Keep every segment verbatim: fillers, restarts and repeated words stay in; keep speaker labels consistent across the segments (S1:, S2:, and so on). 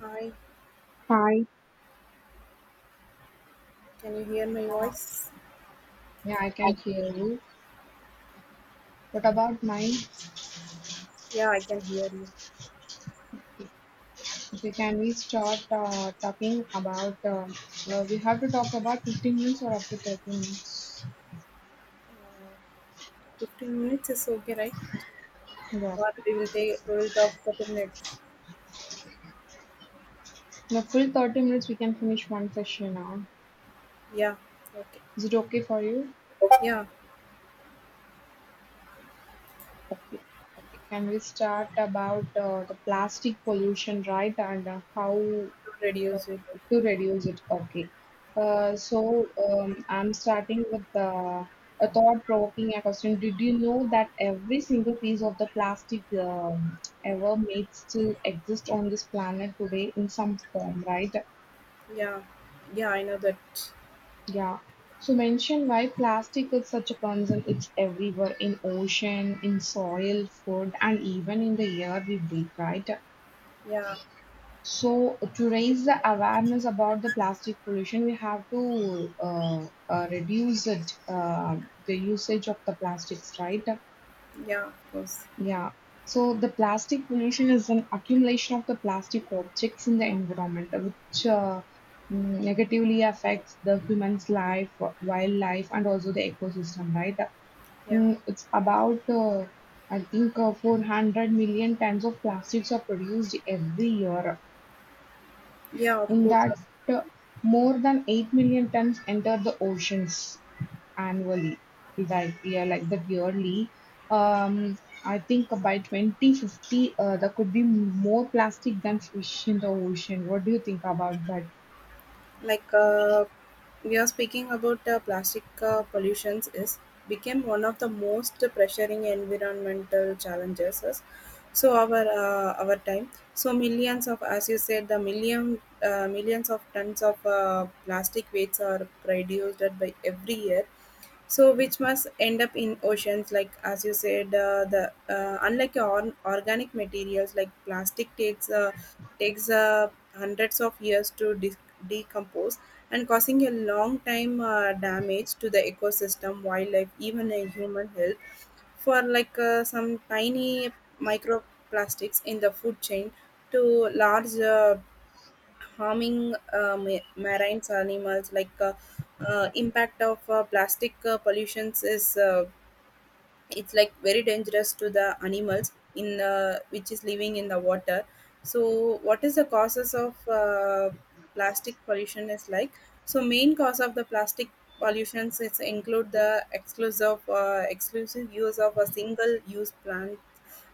S1: Hi,
S2: Hi.
S1: can you hear my voice?
S2: Yeah, I can hear you. What about mine?
S1: Yeah, I can hear you.
S2: Okay, can we start uh, talking about? Uh, uh, we have to talk about fifteen minutes or up to thirty minutes.
S1: fifteen minutes is okay, right?
S2: Yeah.
S1: Or we will take we will talk forty minutes.
S2: The full thirty minutes, we can finish one session now.
S1: Yeah, okay.
S2: Is it okay for you?
S1: Yeah,
S2: Okay. Can we start about uh, the plastic pollution, right? And uh, how
S1: to
S2: uh,
S1: reduce it.
S2: to reduce it. Okay. Uh, so um, I'm starting with the, a thought-provoking question. Did you know that every single piece of the plastic um, ever made still exist on this planet today in some form, right?
S1: Yeah, yeah, I know that.
S2: Yeah. So mention why plastic is such a concern. It's everywhere in ocean, in soil, food, and even in the air we breathe, right?
S1: Yeah,
S2: So to raise the awareness about the plastic pollution, we have to uh, uh, reduce it, uh, the usage of the plastics, right?
S1: yeah, of course.
S2: Yeah. So the plastic pollution is an accumulation of the plastic objects in the environment, uh, which uh, mm, negatively affects the human's life, wildlife, and also the ecosystem, right?
S1: Yeah,
S2: Mm, it's about uh, I think uh, four hundred million tons of plastics are produced every year
S1: yeah, of
S2: in
S1: course.
S2: that, uh, more than eight million tons enter the oceans annually, like yeah, like that yearly. Um, I think by twenty fifty, uh, there could be more plastic than fish in the ocean. What do you think about that?
S1: like uh, we are speaking about uh, plastic uh, pollutions is became one of the most pressuring environmental challenges is- so our uh, our time, so millions of, as you said, the million uh, millions of tons of uh, plastic waste are produced by every year, so which must end up in oceans. Like, as you said, uh, the uh, unlike on organic materials like plastic takes uh, takes uh, hundreds of years to de- decompose, and causing a long time uh, damage to the ecosystem, wildlife, even a human health, for like uh, some tiny microplastics in the food chain to large uh, harming uh, ma- marine animals. Like uh, uh, impact of uh, plastic uh, pollutions is uh, it's like very dangerous to the animals in uh, which is living in the water. So what is the causes of uh, plastic pollution is like, so main cause of the plastic pollutions is include the exclusive uh, exclusive use of a single use plant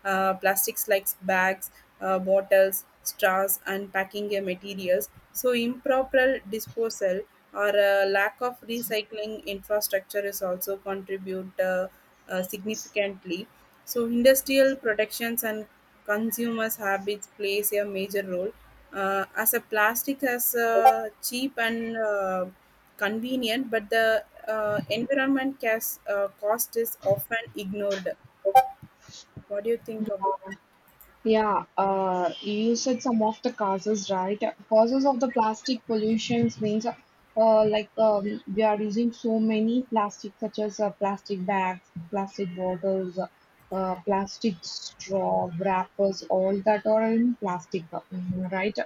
S1: uh, plastics, like bags, uh, bottles, straws, and packing uh, materials. So, improper disposal or uh, lack of recycling infrastructure is also contribute uh, uh, significantly. So, industrial protections and consumers' habits plays a major role. Uh, as a plastic is uh, cheap and uh, convenient, but the uh, environment cas- uh, cost is often ignored. What do you think about?
S2: Yeah, uh, you said some of the causes, right? Causes of the plastic pollutions means, uh, like um, we are using so many plastic, such as uh, plastic bags, plastic bottles, uh, plastic straw, wrappers, all that are in plastic, uh, mhm, right?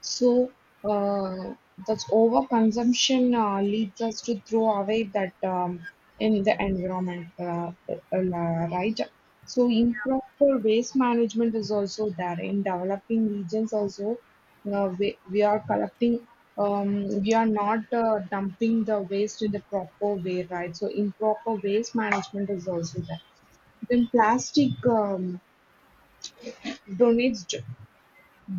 S2: So uh, that's overconsumption uh, leads us to throw away that um, in the environment, uh, uh, right? So improper waste management is also there in developing regions also. Uh, we, we are collecting, um, we are not uh, dumping the waste in the proper way, right? So improper waste management is also there. Then plastic um, donates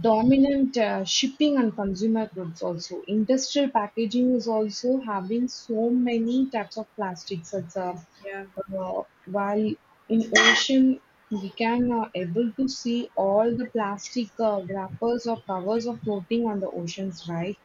S2: Dominant uh, shipping and consumer goods also. Industrial packaging is also having so many types of plastics. It's uh,
S1: Yeah,
S2: uh, while In ocean we can uh, able to see all the plastic uh, wrappers or covers are floating on the oceans, right?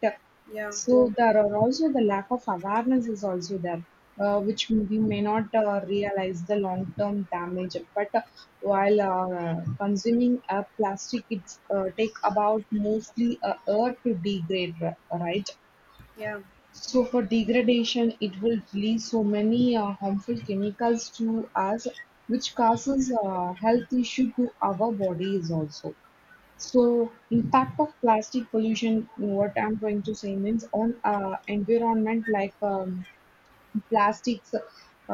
S1: yeah,
S2: So there are also the lack of awareness is also there, uh, which we may not uh, realize the long term damage. But uh, while uh, consuming uh, plastic, it's uh, take about mostly a year to degrade, ri- right?
S1: yeah.
S2: So for degradation, it will release so many uh, harmful chemicals to us, which causes uh, health issue to our bodies also. So, impact of plastic pollution, what I'm trying to say means on uh, environment like um, plastics.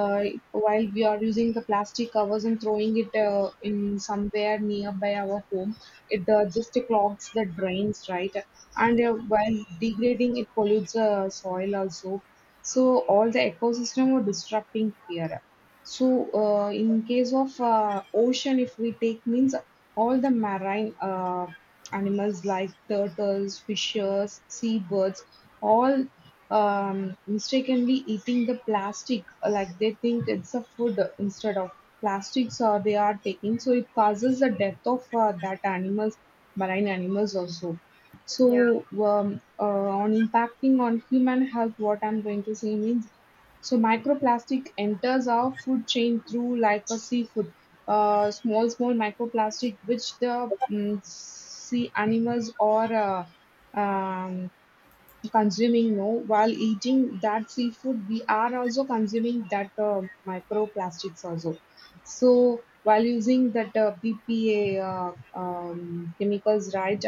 S2: Uh, while we are using the plastic covers and throwing it uh, in somewhere nearby our home, it uh, just clogs the drains, right? And
S1: Yeah,
S2: uh, while degrading, it pollutes the soil also. So all the ecosystem are disrupting here. So, uh, in case of uh, ocean, if we take means all the marine uh, animals like turtles, fishes, seabirds, all um, mistakenly eating the plastic, uh, like they think it's a food instead of plastics, or they are taking. So it causes the death of uh, that animals, marine animals also.
S1: yeah,
S2: So, um, uh, on impacting on human health, what I'm going to say means so microplastic enters our food chain through like a seafood, uh, small small microplastic which the mm sea animals or uh, um, consuming no while eating that seafood we are also consuming that uh, microplastics also so while using that uh, BPA uh, um, chemicals right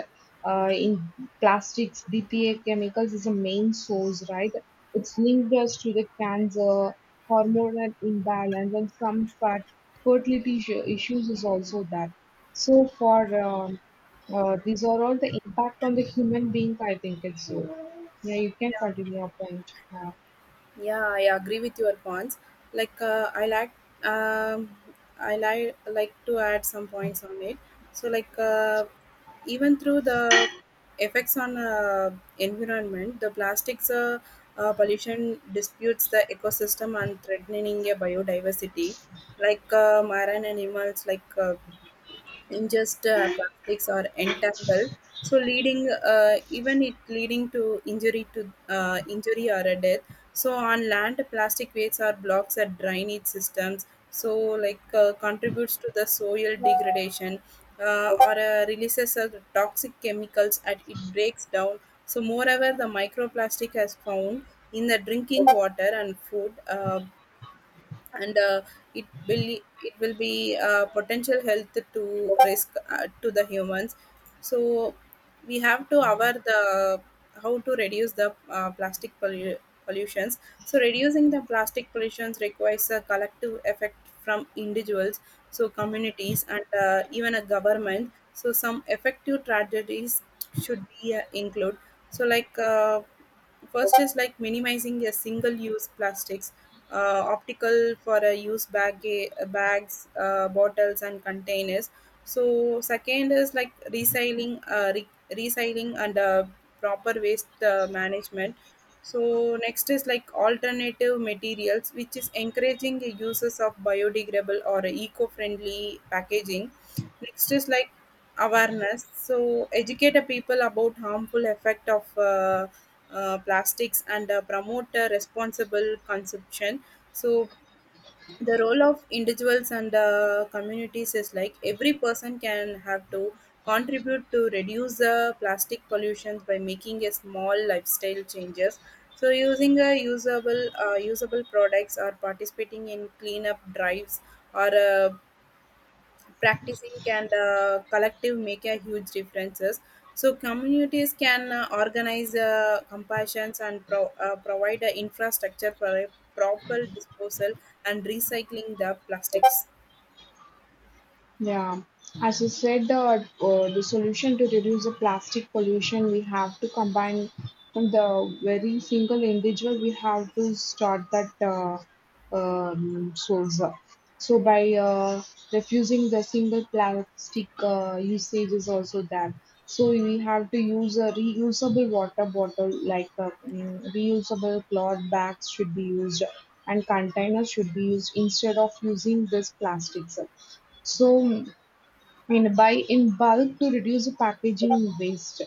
S2: uh, in plastics BPA chemicals is a main source right it's linked us to the cancer hormonal imbalance and some fat fertility issue- issues is also that so for um, uh, these are all the impact on the human being I think it's so yeah, you can continue your point. Yeah.
S1: yeah, I agree with your points. Like uh, I like um I like like to add some points on it. So like uh, even through the effects on uh, environment, the plastics uh, uh, pollution disputes the ecosystem and threatening a biodiversity. Like uh, marine animals like uh, in just uh, plastics or entangled, so leading uh, even it leading to injury to uh, injury or a death. So on land, plastic waste or blocks are drainage systems, so like uh, contributes to the soil degradation, uh, or uh, releases of toxic chemicals and it breaks down. So moreover the microplastic has found in the drinking water and food, uh, and uh, it will it will be uh, potential health to risk uh, to the humans. So we have to our the, how to reduce the uh, plastic pollu- pollutions. So reducing the plastic pollutions requires a collective effect from individuals, so communities and uh, even a government. So some effective strategies should be uh, include. So like uh, first is like minimizing your single-use plastics, uh, optical for a use bag, uh, bags, uh, bottles, and containers. So second is like recycling, uh, re- recycling and uh, proper waste uh, management. So next is like alternative materials, which is encouraging the uses of biodegradable or eco-friendly packaging. Next is like awareness. So educate the people about harmful effect of uh, uh, plastics and uh, promote uh, responsible consumption. So the role of individuals and uh, communities is like every person can have to contribute to reduce the plastic pollution by making a small lifestyle changes. So using a usable uh, usable products or participating in cleanup drives or uh, practicing and uh, collective make a huge differences. So communities can uh, organize uh, compassions and pro- uh, provide a infrastructure for a proper disposal and recycling the plastics.
S2: Yeah, as you said, the uh, the solution to reduce the plastic pollution, we have to combine from the very single individual. We have to start that uh, um, source. So by uh, refusing the single plastic uh, usage is also there. So we have to use a reusable water bottle, like uh, mm, reusable cloth bags should be used, and containers should be used instead of using this plastics. So and buy in bulk to reduce the packaging waste.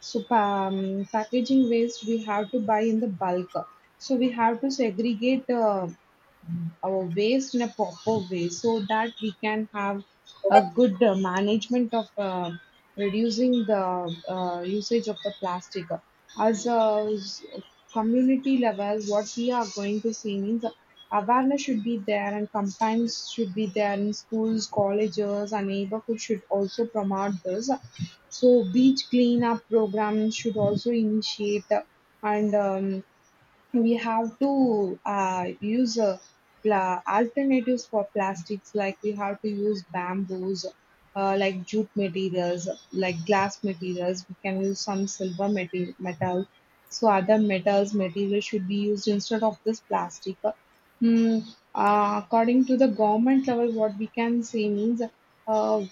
S2: So pa- um, packaging waste we have to buy in the bulk. So we have to segregate uh, our waste in a proper way so that we can have a good uh, management of uh, reducing the uh, usage of the plastic. As a s- community level, what we are going to see means awareness should be there and campaigns should be there in schools, colleges, and neighborhood should also promote this. So beach cleanup programs should also initiate and um, we have to uh, use uh, pla- alternatives for plastics like we have to use bamboos uh, like jute materials like glass materials we can use some silver metal metal so other metals materials should be used instead of this plastic. Hmm, uh, according to the government level what we can say means uh,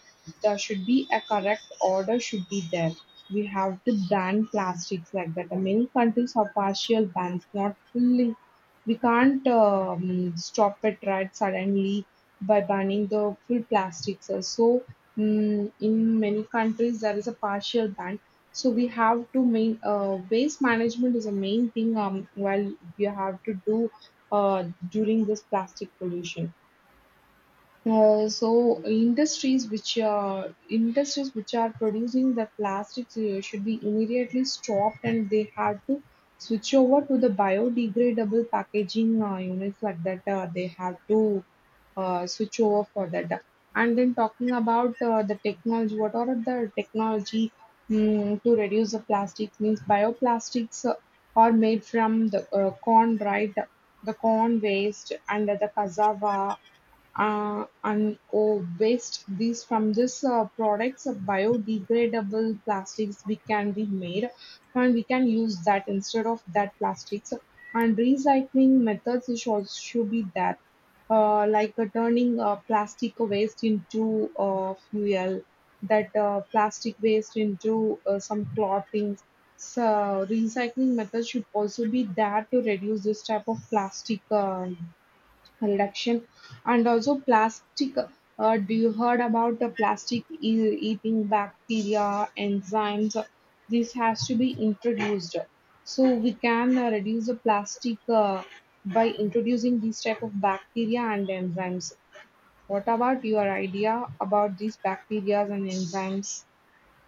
S2: there should be a correct order should be there. We have to ban plastics like that. Many countries have partial bans, not fully. We can't um, stop it right suddenly by banning the full plastics. So mm, in many countries there is a partial ban. So we have to main uh, waste management is a main thing. Um, while we have to do uh, during this plastic pollution. Uh, so industries which are industries which are producing the plastics uh, should be immediately stopped and they had to switch over to the biodegradable packaging uh, units like that uh, they have to uh, switch over for that. And then talking about uh, the technology, what are the technology mm, to reduce the plastics? Means bioplastics uh, are made from the uh, corn, right? The corn waste and the cassava uh, and oh, waste. These from this uh, products, uh, biodegradable plastics we can be made, and we can use that instead of that plastics. And recycling methods should also should be there uh, like uh, turning uh, plastic waste into uh, fuel, that uh, plastic waste into uh, some clothing. So recycling methods should also be there to reduce this type of plastic uh, reduction and also plastic uh, do you heard about the plastic e- eating bacteria enzymes? This has to be introduced so we can uh, reduce the plastic uh, by introducing these type of bacteria and enzymes. What about your idea about these bacteria and enzymes?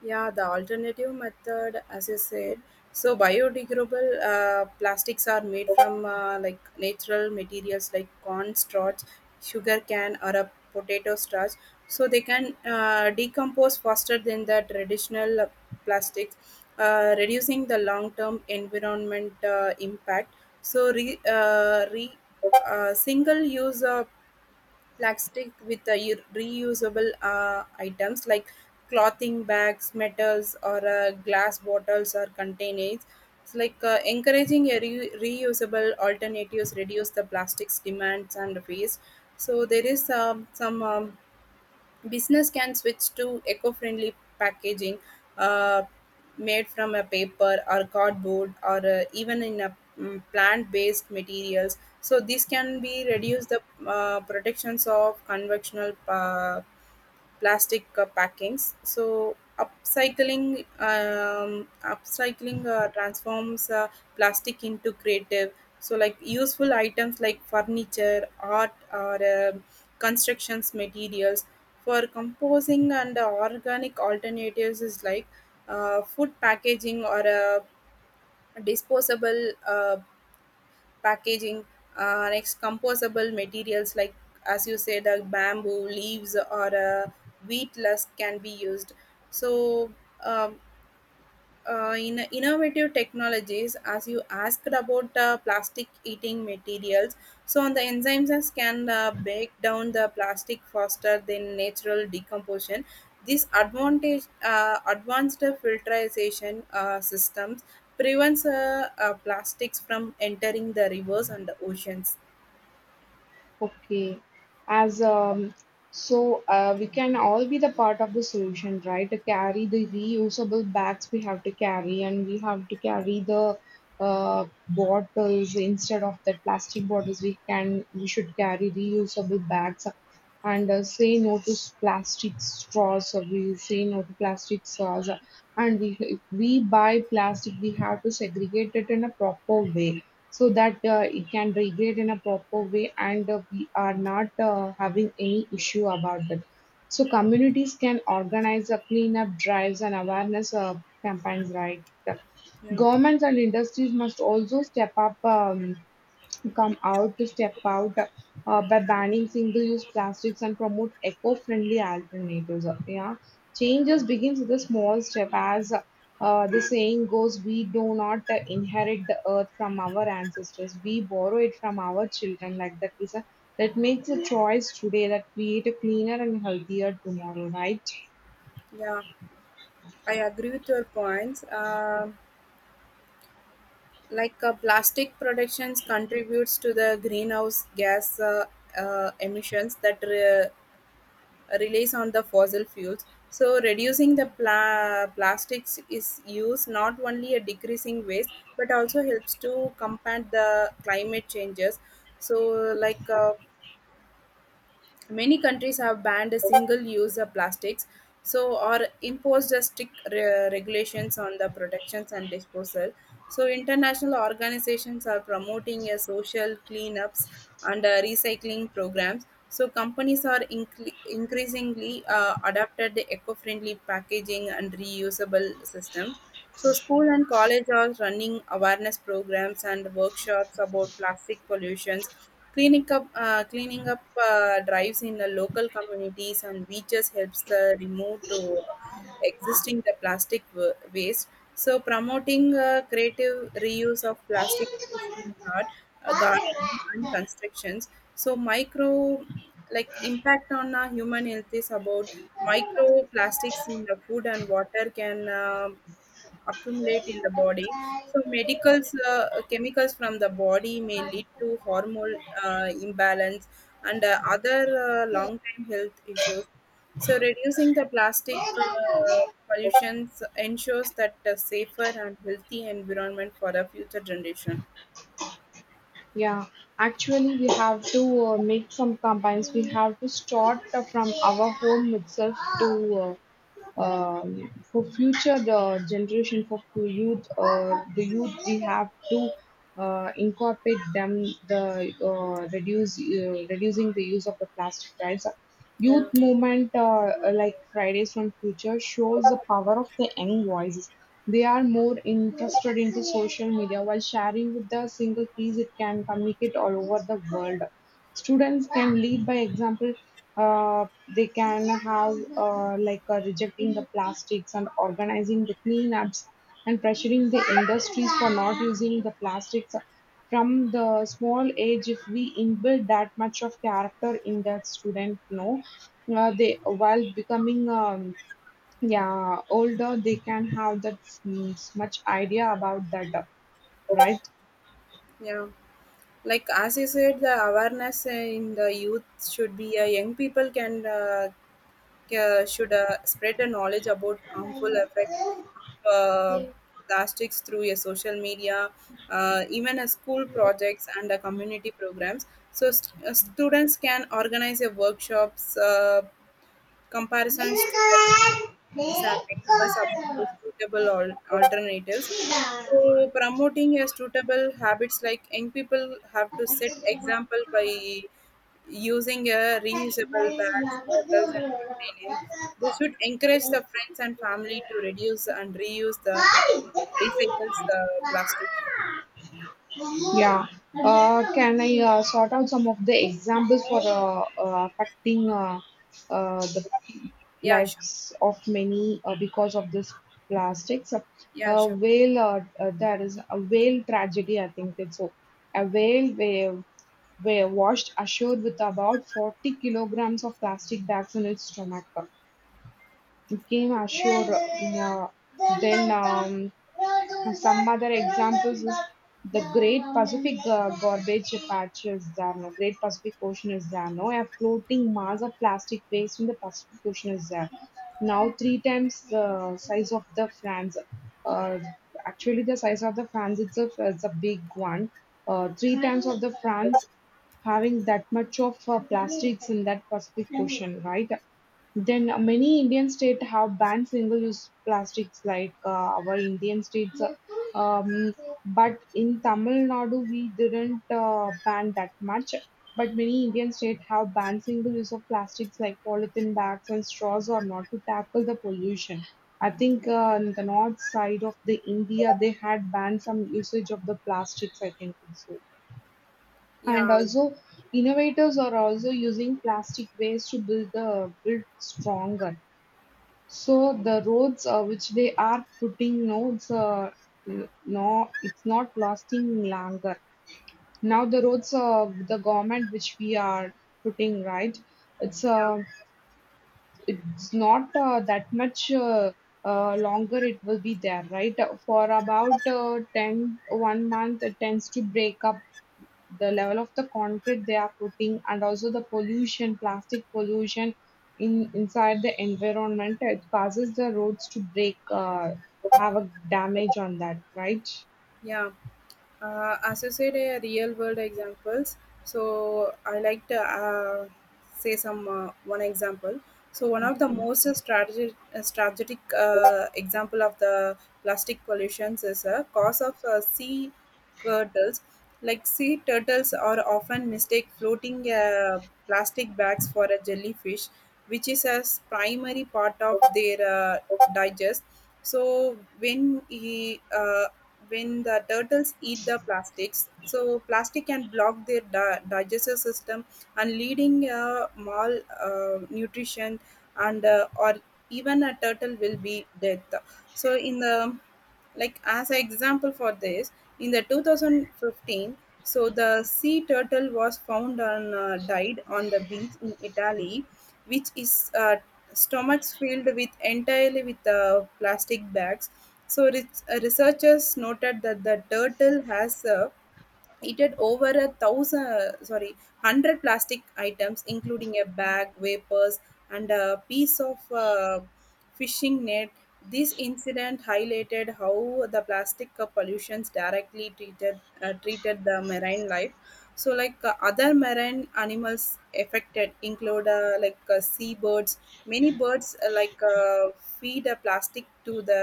S1: Yeah, the alternative method, as you said, so biodegradable uh, plastics are made from uh, like natural materials like corn starch, sugar can, or a potato starch. So they can uh, decompose faster than the traditional uh, plastics, uh, reducing the long-term environment uh, impact. So re, uh, re uh, single-use uh, plastic with the u- reusable uh, items like clothing bags, metals, or uh, glass bottles or containers. It's like uh, encouraging a re- reusable alternatives reduce the plastics demands and waste. So there is um, some um, business can switch to eco-friendly packaging uh, made from a paper or cardboard or uh, even in a mm, plant-based materials. So this can be reduce the uh, protections of conventional uh, plastic uh, packings. So upcycling um, upcycling uh, transforms uh, plastic into creative. So like useful items like furniture, art, or uh, constructions materials for composing and uh, organic alternatives is like uh, food packaging or uh, disposable uh, packaging, uh, next composable materials like, as you said, uh, bamboo leaves or uh, wheat husk can be used. So um, uh, in innovative technologies, as you asked about uh, plastic eating materials, so on the enzymes as can uh, break down the plastic faster than natural decomposition. This advantage uh, advanced filtration uh, systems prevents uh, uh, plastics from entering the rivers and the oceans.
S2: Okay, as um, so uh, we can all be the part of the solution, right? To carry the reusable bags we have to carry, and we have to carry the uh, bottles instead of the plastic bottles. We can we should carry reusable bags, and uh, say no to s- plastic straws. Or we say no to plastic straws, and we if we buy plastic, we have to segregate it in a proper way so that uh, it can regrade in a proper way and uh, we are not uh, having any issue about that. So communities can organize a cleanup drives and awareness uh, campaigns, right?
S1: Yeah.
S2: Governments and industries must also step up. Um, come out to step out uh, by banning single-use plastics and promote eco-friendly alternatives. Uh, Yeah, changes begins with a small step, as uh, the saying goes: "We do not uh, inherit the earth from our ancestors; we borrow it from our children." Like that is a that makes a choice today that create a cleaner and healthier tomorrow, right?
S1: Yeah, I agree with your points. Um like uh, plastic productions contributes to the greenhouse gas uh, uh, emissions that re- release on the fossil fuels. So reducing the pla- plastics is used not only a decreasing waste but also helps to combat the climate changes. So like uh, many countries have banned single-use uh, plastics, so or imposed a strict re- regulations on the productions and disposal. So international organizations are promoting a social cleanups and uh, recycling programs. So companies are incre- increasingly uh, adapted the eco-friendly packaging and reusable systems. So school and college are running awareness programs and workshops about plastic pollutions. Cleaning up, uh, cleaning up uh, drives in the local communities and beaches helps the remove to existing the plastic wa- waste. So promoting uh, creative reuse of plastic waste in art, uh, gardening and constructions. So micro like impact on uh, human health is about microplastics in the food and water can uh, accumulate in the body. So medicals, uh, chemicals from the body may lead to hormone uh, imbalance and uh, other uh, long-term health issues. So reducing the plastic uh, pollution ensures that a safer and healthy environment for the future generation.
S2: Yeah, actually, we have to uh, make some campaigns. We have to start uh, from our home itself to uh, um, for future the generation for to youth uh, the youth we have to uh, incorporate them the uh, reduce uh, reducing the use of the plastic bags
S1: Yeah.
S2: youth movement uh, like Fridays from Future shows the power of the young voices. They are more interested into social media while sharing with the single piece it can communicate all over the world. Students can lead by example. Uh, they can have uh, like uh, rejecting the plastics and organizing the cleanups and pressuring the industries for not using the plastics from the small age. If we inbuild that much of character in that student no uh, they while becoming um, yeah older they can have that mm, much idea about that uh, right.
S1: Yeah, like as you said, the awareness uh, in the youth should be uh, young people can uh, uh, should uh, spread the knowledge about harmful effect of uh, plastics through your social media, uh, even a school projects and uh, community programs. So st- uh, students can organize a workshops, uh, comparisons to that these are papers about the suitable al- alternatives. So promoting a suitable habits like young people have to set example by using a reusable bags, bottles, and containers. They should encourage the friends and family to reduce and reuse the recycles the plastics.
S2: Yeah. Uh, can I uh, sort out some of the examples for uh, uh, affecting uh, uh, the
S1: Yeah, sure.
S2: lives of many uh, because of this plastics?
S1: Yeah,
S2: Uh,
S1: sure.
S2: whale, uh, uh, there is a whale tragedy, I think it's so. A whale, whale were washed ashore with about forty kilograms of plastic bags in its stomach. Game Assure uh, then um, some other examples is the Great Pacific uh, Garbage Patch is there, no? Great Pacific Ocean is there, no? A floating mass of plastic waste in the Pacific Ocean is there. Now three times the size of the France. Uh, Actually, the size of the France itself is a big one. Uh, three times of the France having that much of uh, plastics in that Pacific Ocean, right? Then uh, many Indian states have banned single-use plastics, like uh, our Indian states. uh, Um, but in Tamil Nadu, we didn't uh, ban that much. But many Indian states have banned single-use of plastics, like polythene bags and straws, or not to tackle the pollution. I think uh, in the north side of the India, they had banned some usage of the plastics. I can think so. And
S1: Yeah,
S2: also, innovators are also using plastic waste to build the build stronger so the roads uh, which they are putting now, it's, uh, n- no, it's not lasting longer. Now the roads uh, the government which we are putting right, it's uh,
S1: yeah.
S2: it's not uh, that much uh, uh, longer it will be there, right. For about uh, ten, one month it tends to break up the level of the concrete they are putting, and also the pollution, plastic pollution in inside the environment, it causes the roads to break uh, have a damage on that, right.
S1: Yeah, uh, as you said, uh, real world examples. So I like to uh, say some uh, one example. So one of the most strategic, uh, strategic uh, example of the plastic pollution is a cause of uh, sea turtles. Like sea turtles are often mistake floating uh, plastic bags for a jellyfish, which is a s- primary part of their uh, digest. So when he uh, when the turtles eat the plastics, so plastic can block their di- digestive system and leading uh, mal uh, nutrition and uh, or even a turtle will be dead. So in the, like, as an example for this, in the two thousand fifteen, so the sea turtle was found and uh, died on the beach in Italy, which is uh, stomachs filled with entirely with uh, plastic bags. So, re- uh, researchers noted that the turtle has a, it had over a thousand uh, sorry hundred plastic items including a bag vapors and a piece of uh, fishing net. This incident highlighted how the plastic uh, pollutions directly treated uh, treated the marine life. So like uh, other marine animals affected include uh, like uh, seabirds. Many birds uh, like uh, feed a plastic to the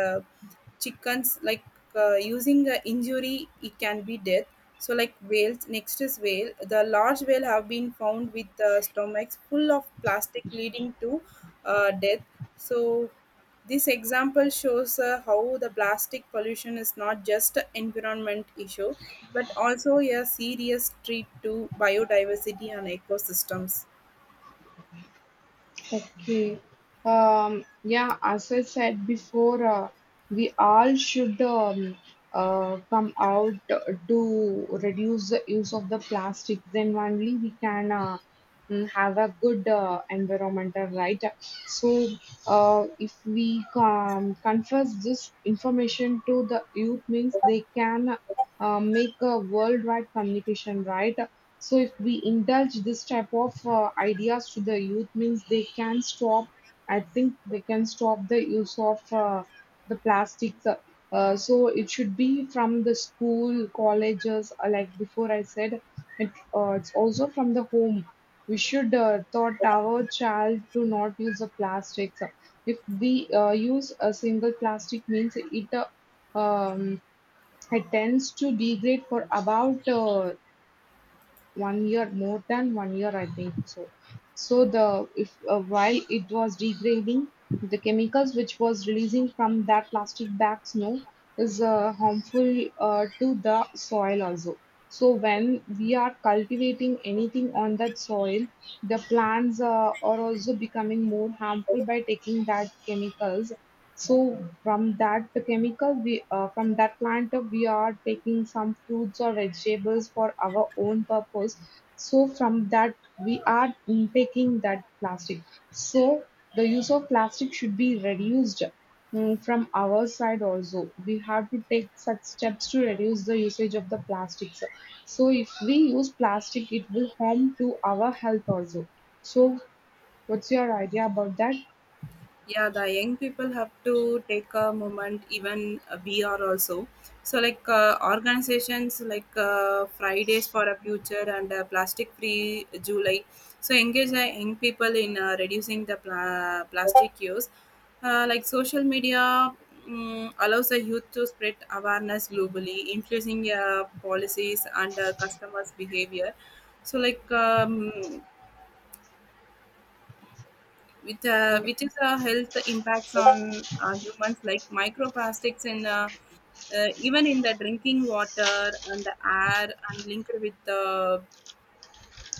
S1: chickens, like uh, using uh, injury, it can be death. So, like whales, next is whale. The large whale have been found with the stomachs full of plastic, leading to uh, death. So, this example shows uh, how the plastic pollution is not just an environment issue, but also a serious threat to biodiversity and ecosystems.
S2: Okay. Um, yeah, as I said before, uh, we all should um, uh, come out to reduce the use of the plastics. Then only we can uh, mm, have a good uh, environmental, right? So, uh, if we um, confess this information to the youth, means they can uh, make a worldwide communication, right? So if we indulge this type of uh, ideas to the youth, means they can stop. I think they can stop the use of uh, the plastics. Uh, uh, so it should be from the school, colleges, uh, like before I said, it, uh, it's also from the home. We should uh, taught our child to not use the plastics. If we uh, use a single plastic, means it uh, um, I tends to degrade for about uh, one year, more than one year, I think so. So the if uh, while it was degrading, the chemicals which was releasing from that plastic bag snow is uh, harmful uh, to the soil also. So when we are cultivating anything on that soil, the plants uh, are also becoming more harmful by taking that chemicals. So from that chemical, we uh, from that plant, uh, we are taking some fruits or vegetables for our own purpose. So from that, we are mm, taking that plastic. So the use of plastic should be reduced. mm, From our side also, we have to take such steps to reduce the usage of the plastics. So if we use plastic, it will harm to our health also. So what's your idea about that?
S1: Yeah, the young people have to take a moment, even uh, we are also. So like uh, organizations like uh, Fridays for a Future and uh, Plastic Free July, so engage the young people in uh, reducing the pla- plastic use. Uh, like social media mm allows the youth to spread awareness globally, influencing uh, policies and uh, customers behavior. So like um, which, uh, which is a health impacts on uh, humans, like microplastics in uh, uh, even in the drinking water and the air and linked with the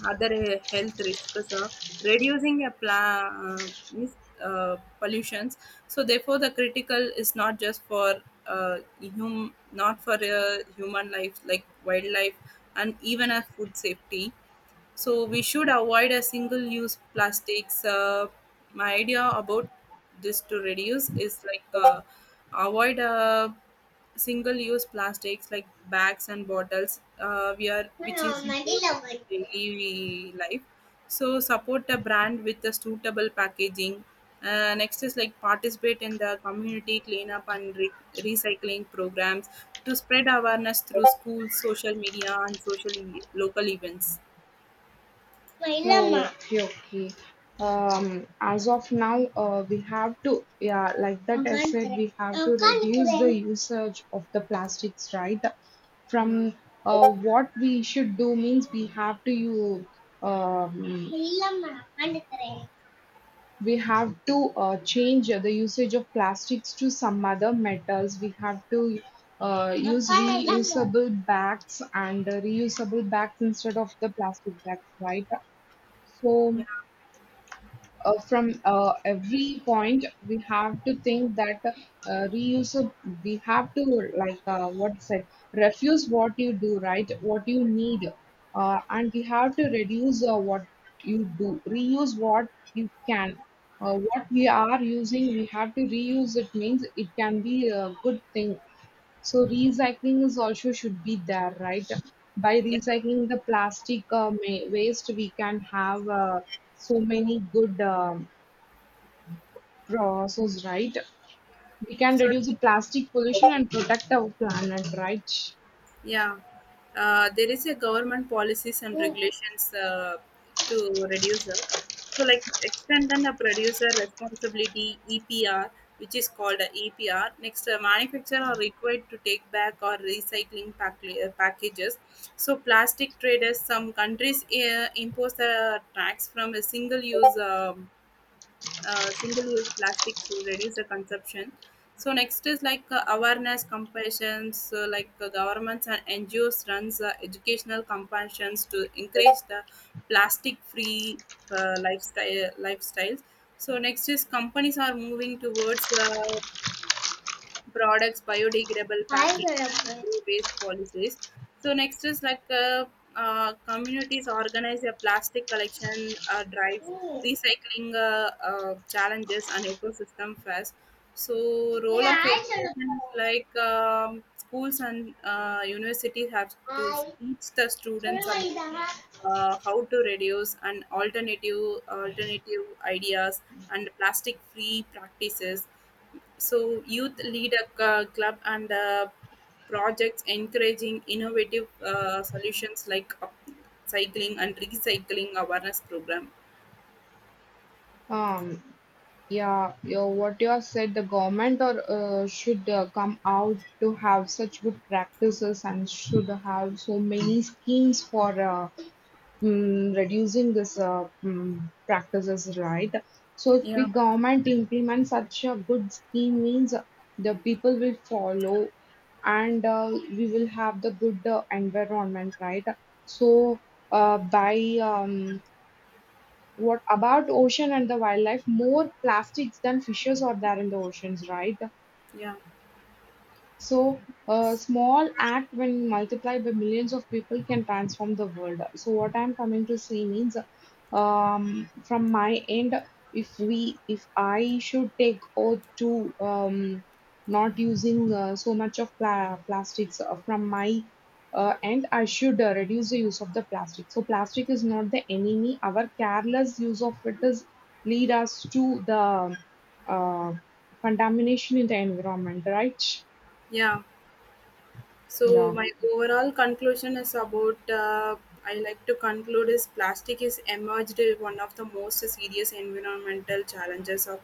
S1: other health risks. Uh, reducing a pla- uh, mis- uh, pollutions, so therefore the critical is not just for uh, hum- not for uh, human life, like wildlife and even a food safety. So we should avoid a single-use plastics. Uh, my idea about this to reduce is like uh, avoid uh, single-use plastics like bags and bottles. Uh, we are which is important in daily life. So support a brand with a suitable packaging. Uh, next is like participate in the community cleanup and re- recycling programs, to spread awareness through schools, social media, and social e- local events.
S2: No, okay, okay. Um, as of now, uh, we have to, yeah, like that I said, we have to reduce the usage of the plastics, right?
S1: Yeah.
S2: From uh, What we should do means we have to you um, we have to uh, change the usage of plastics to some other metals. We have to uh, use reusable bags and uh, reusable bags instead of the plastic bags, right?
S1: Yeah,
S2: So, uh, from uh, every point, we have to think that uh, reuse, we have to, like uh, what said, refuse what you do, right? What you need. Uh, and we have to reduce uh, what you do, reuse what you can. Uh, what we are using, we have to reuse. It means it can be a good thing, so recycling is also should be there, right? By
S1: yeah.
S2: recycling the plastic uh, ma- waste, we can have uh, so many good um processes, right? We can
S1: So,
S2: reduce the plastic pollution and protect our planet, right?
S1: yeah, uh, there is a government policies and regulations uh, to reducer. So, like extend and a producer responsibility (E P R), which is called a E P R. Next, uh, manufacturer are required to take back or recycling pack- uh, packages. So, plastic traders, some countries uh, impose a tax from a single-use um uh, single-use plastics to reduce the consumption. So next is like uh, awareness compassions, so like uh, governments and N G Os runs uh, educational compassions to encourage the plastic-free uh, lifestyle lifestyles. So next is companies are moving towards uh, products, biodegradable packing, and zero-waste policies. So next is like uh, uh, communities organize a plastic collection uh, drives, recycling uh, uh, challenges, and ecosystem fairs. So role of education is like um, schools and uh, universities have to teach the students about uh, how to reduce and alternative alternative ideas and plastic free practices. So, youth lead a c- club and uh, projects encouraging innovative uh, solutions like up- cycling and recycling awareness program.
S2: Um, yeah, yeah, what you have said, the government or uh, should uh, come out to have such good practices and should have so many schemes for uh, mm, reducing this uh, mm, practices, right? So if the
S1: Yeah.
S2: government implements such a good scheme, means the people will follow, and uh, we will have the good uh, environment, right? So uh, by um, what about ocean and the wildlife? More plastics than fishes are there in the oceans, right?
S1: Yeah,
S2: So, a small act, when multiplied by millions of people, can transform the world. So, what I'm coming to say means, um, from my end, if we, if I should take oath to um, not using uh, so much of pla- plastics uh, from my uh, end, I should uh, reduce the use of the plastic. So, plastic is not the enemy. Our careless use of it is lead us to the uh, contamination in the environment, right?
S1: yeah.
S2: Да.
S1: So my overall conclusion is about uh, I like to conclude is plastic is emerged as one of the most serious environmental challenges of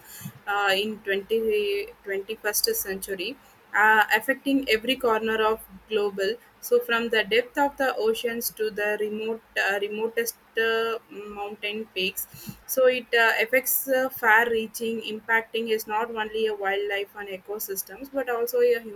S1: uh, in twenty twenty first century, uh, affecting every corner of global. So from the depth of the oceans to the remote uh, remotest uh, mountain peaks. So it uh, affects uh, far-reaching, impacting is not only a wildlife and ecosystems but also a human.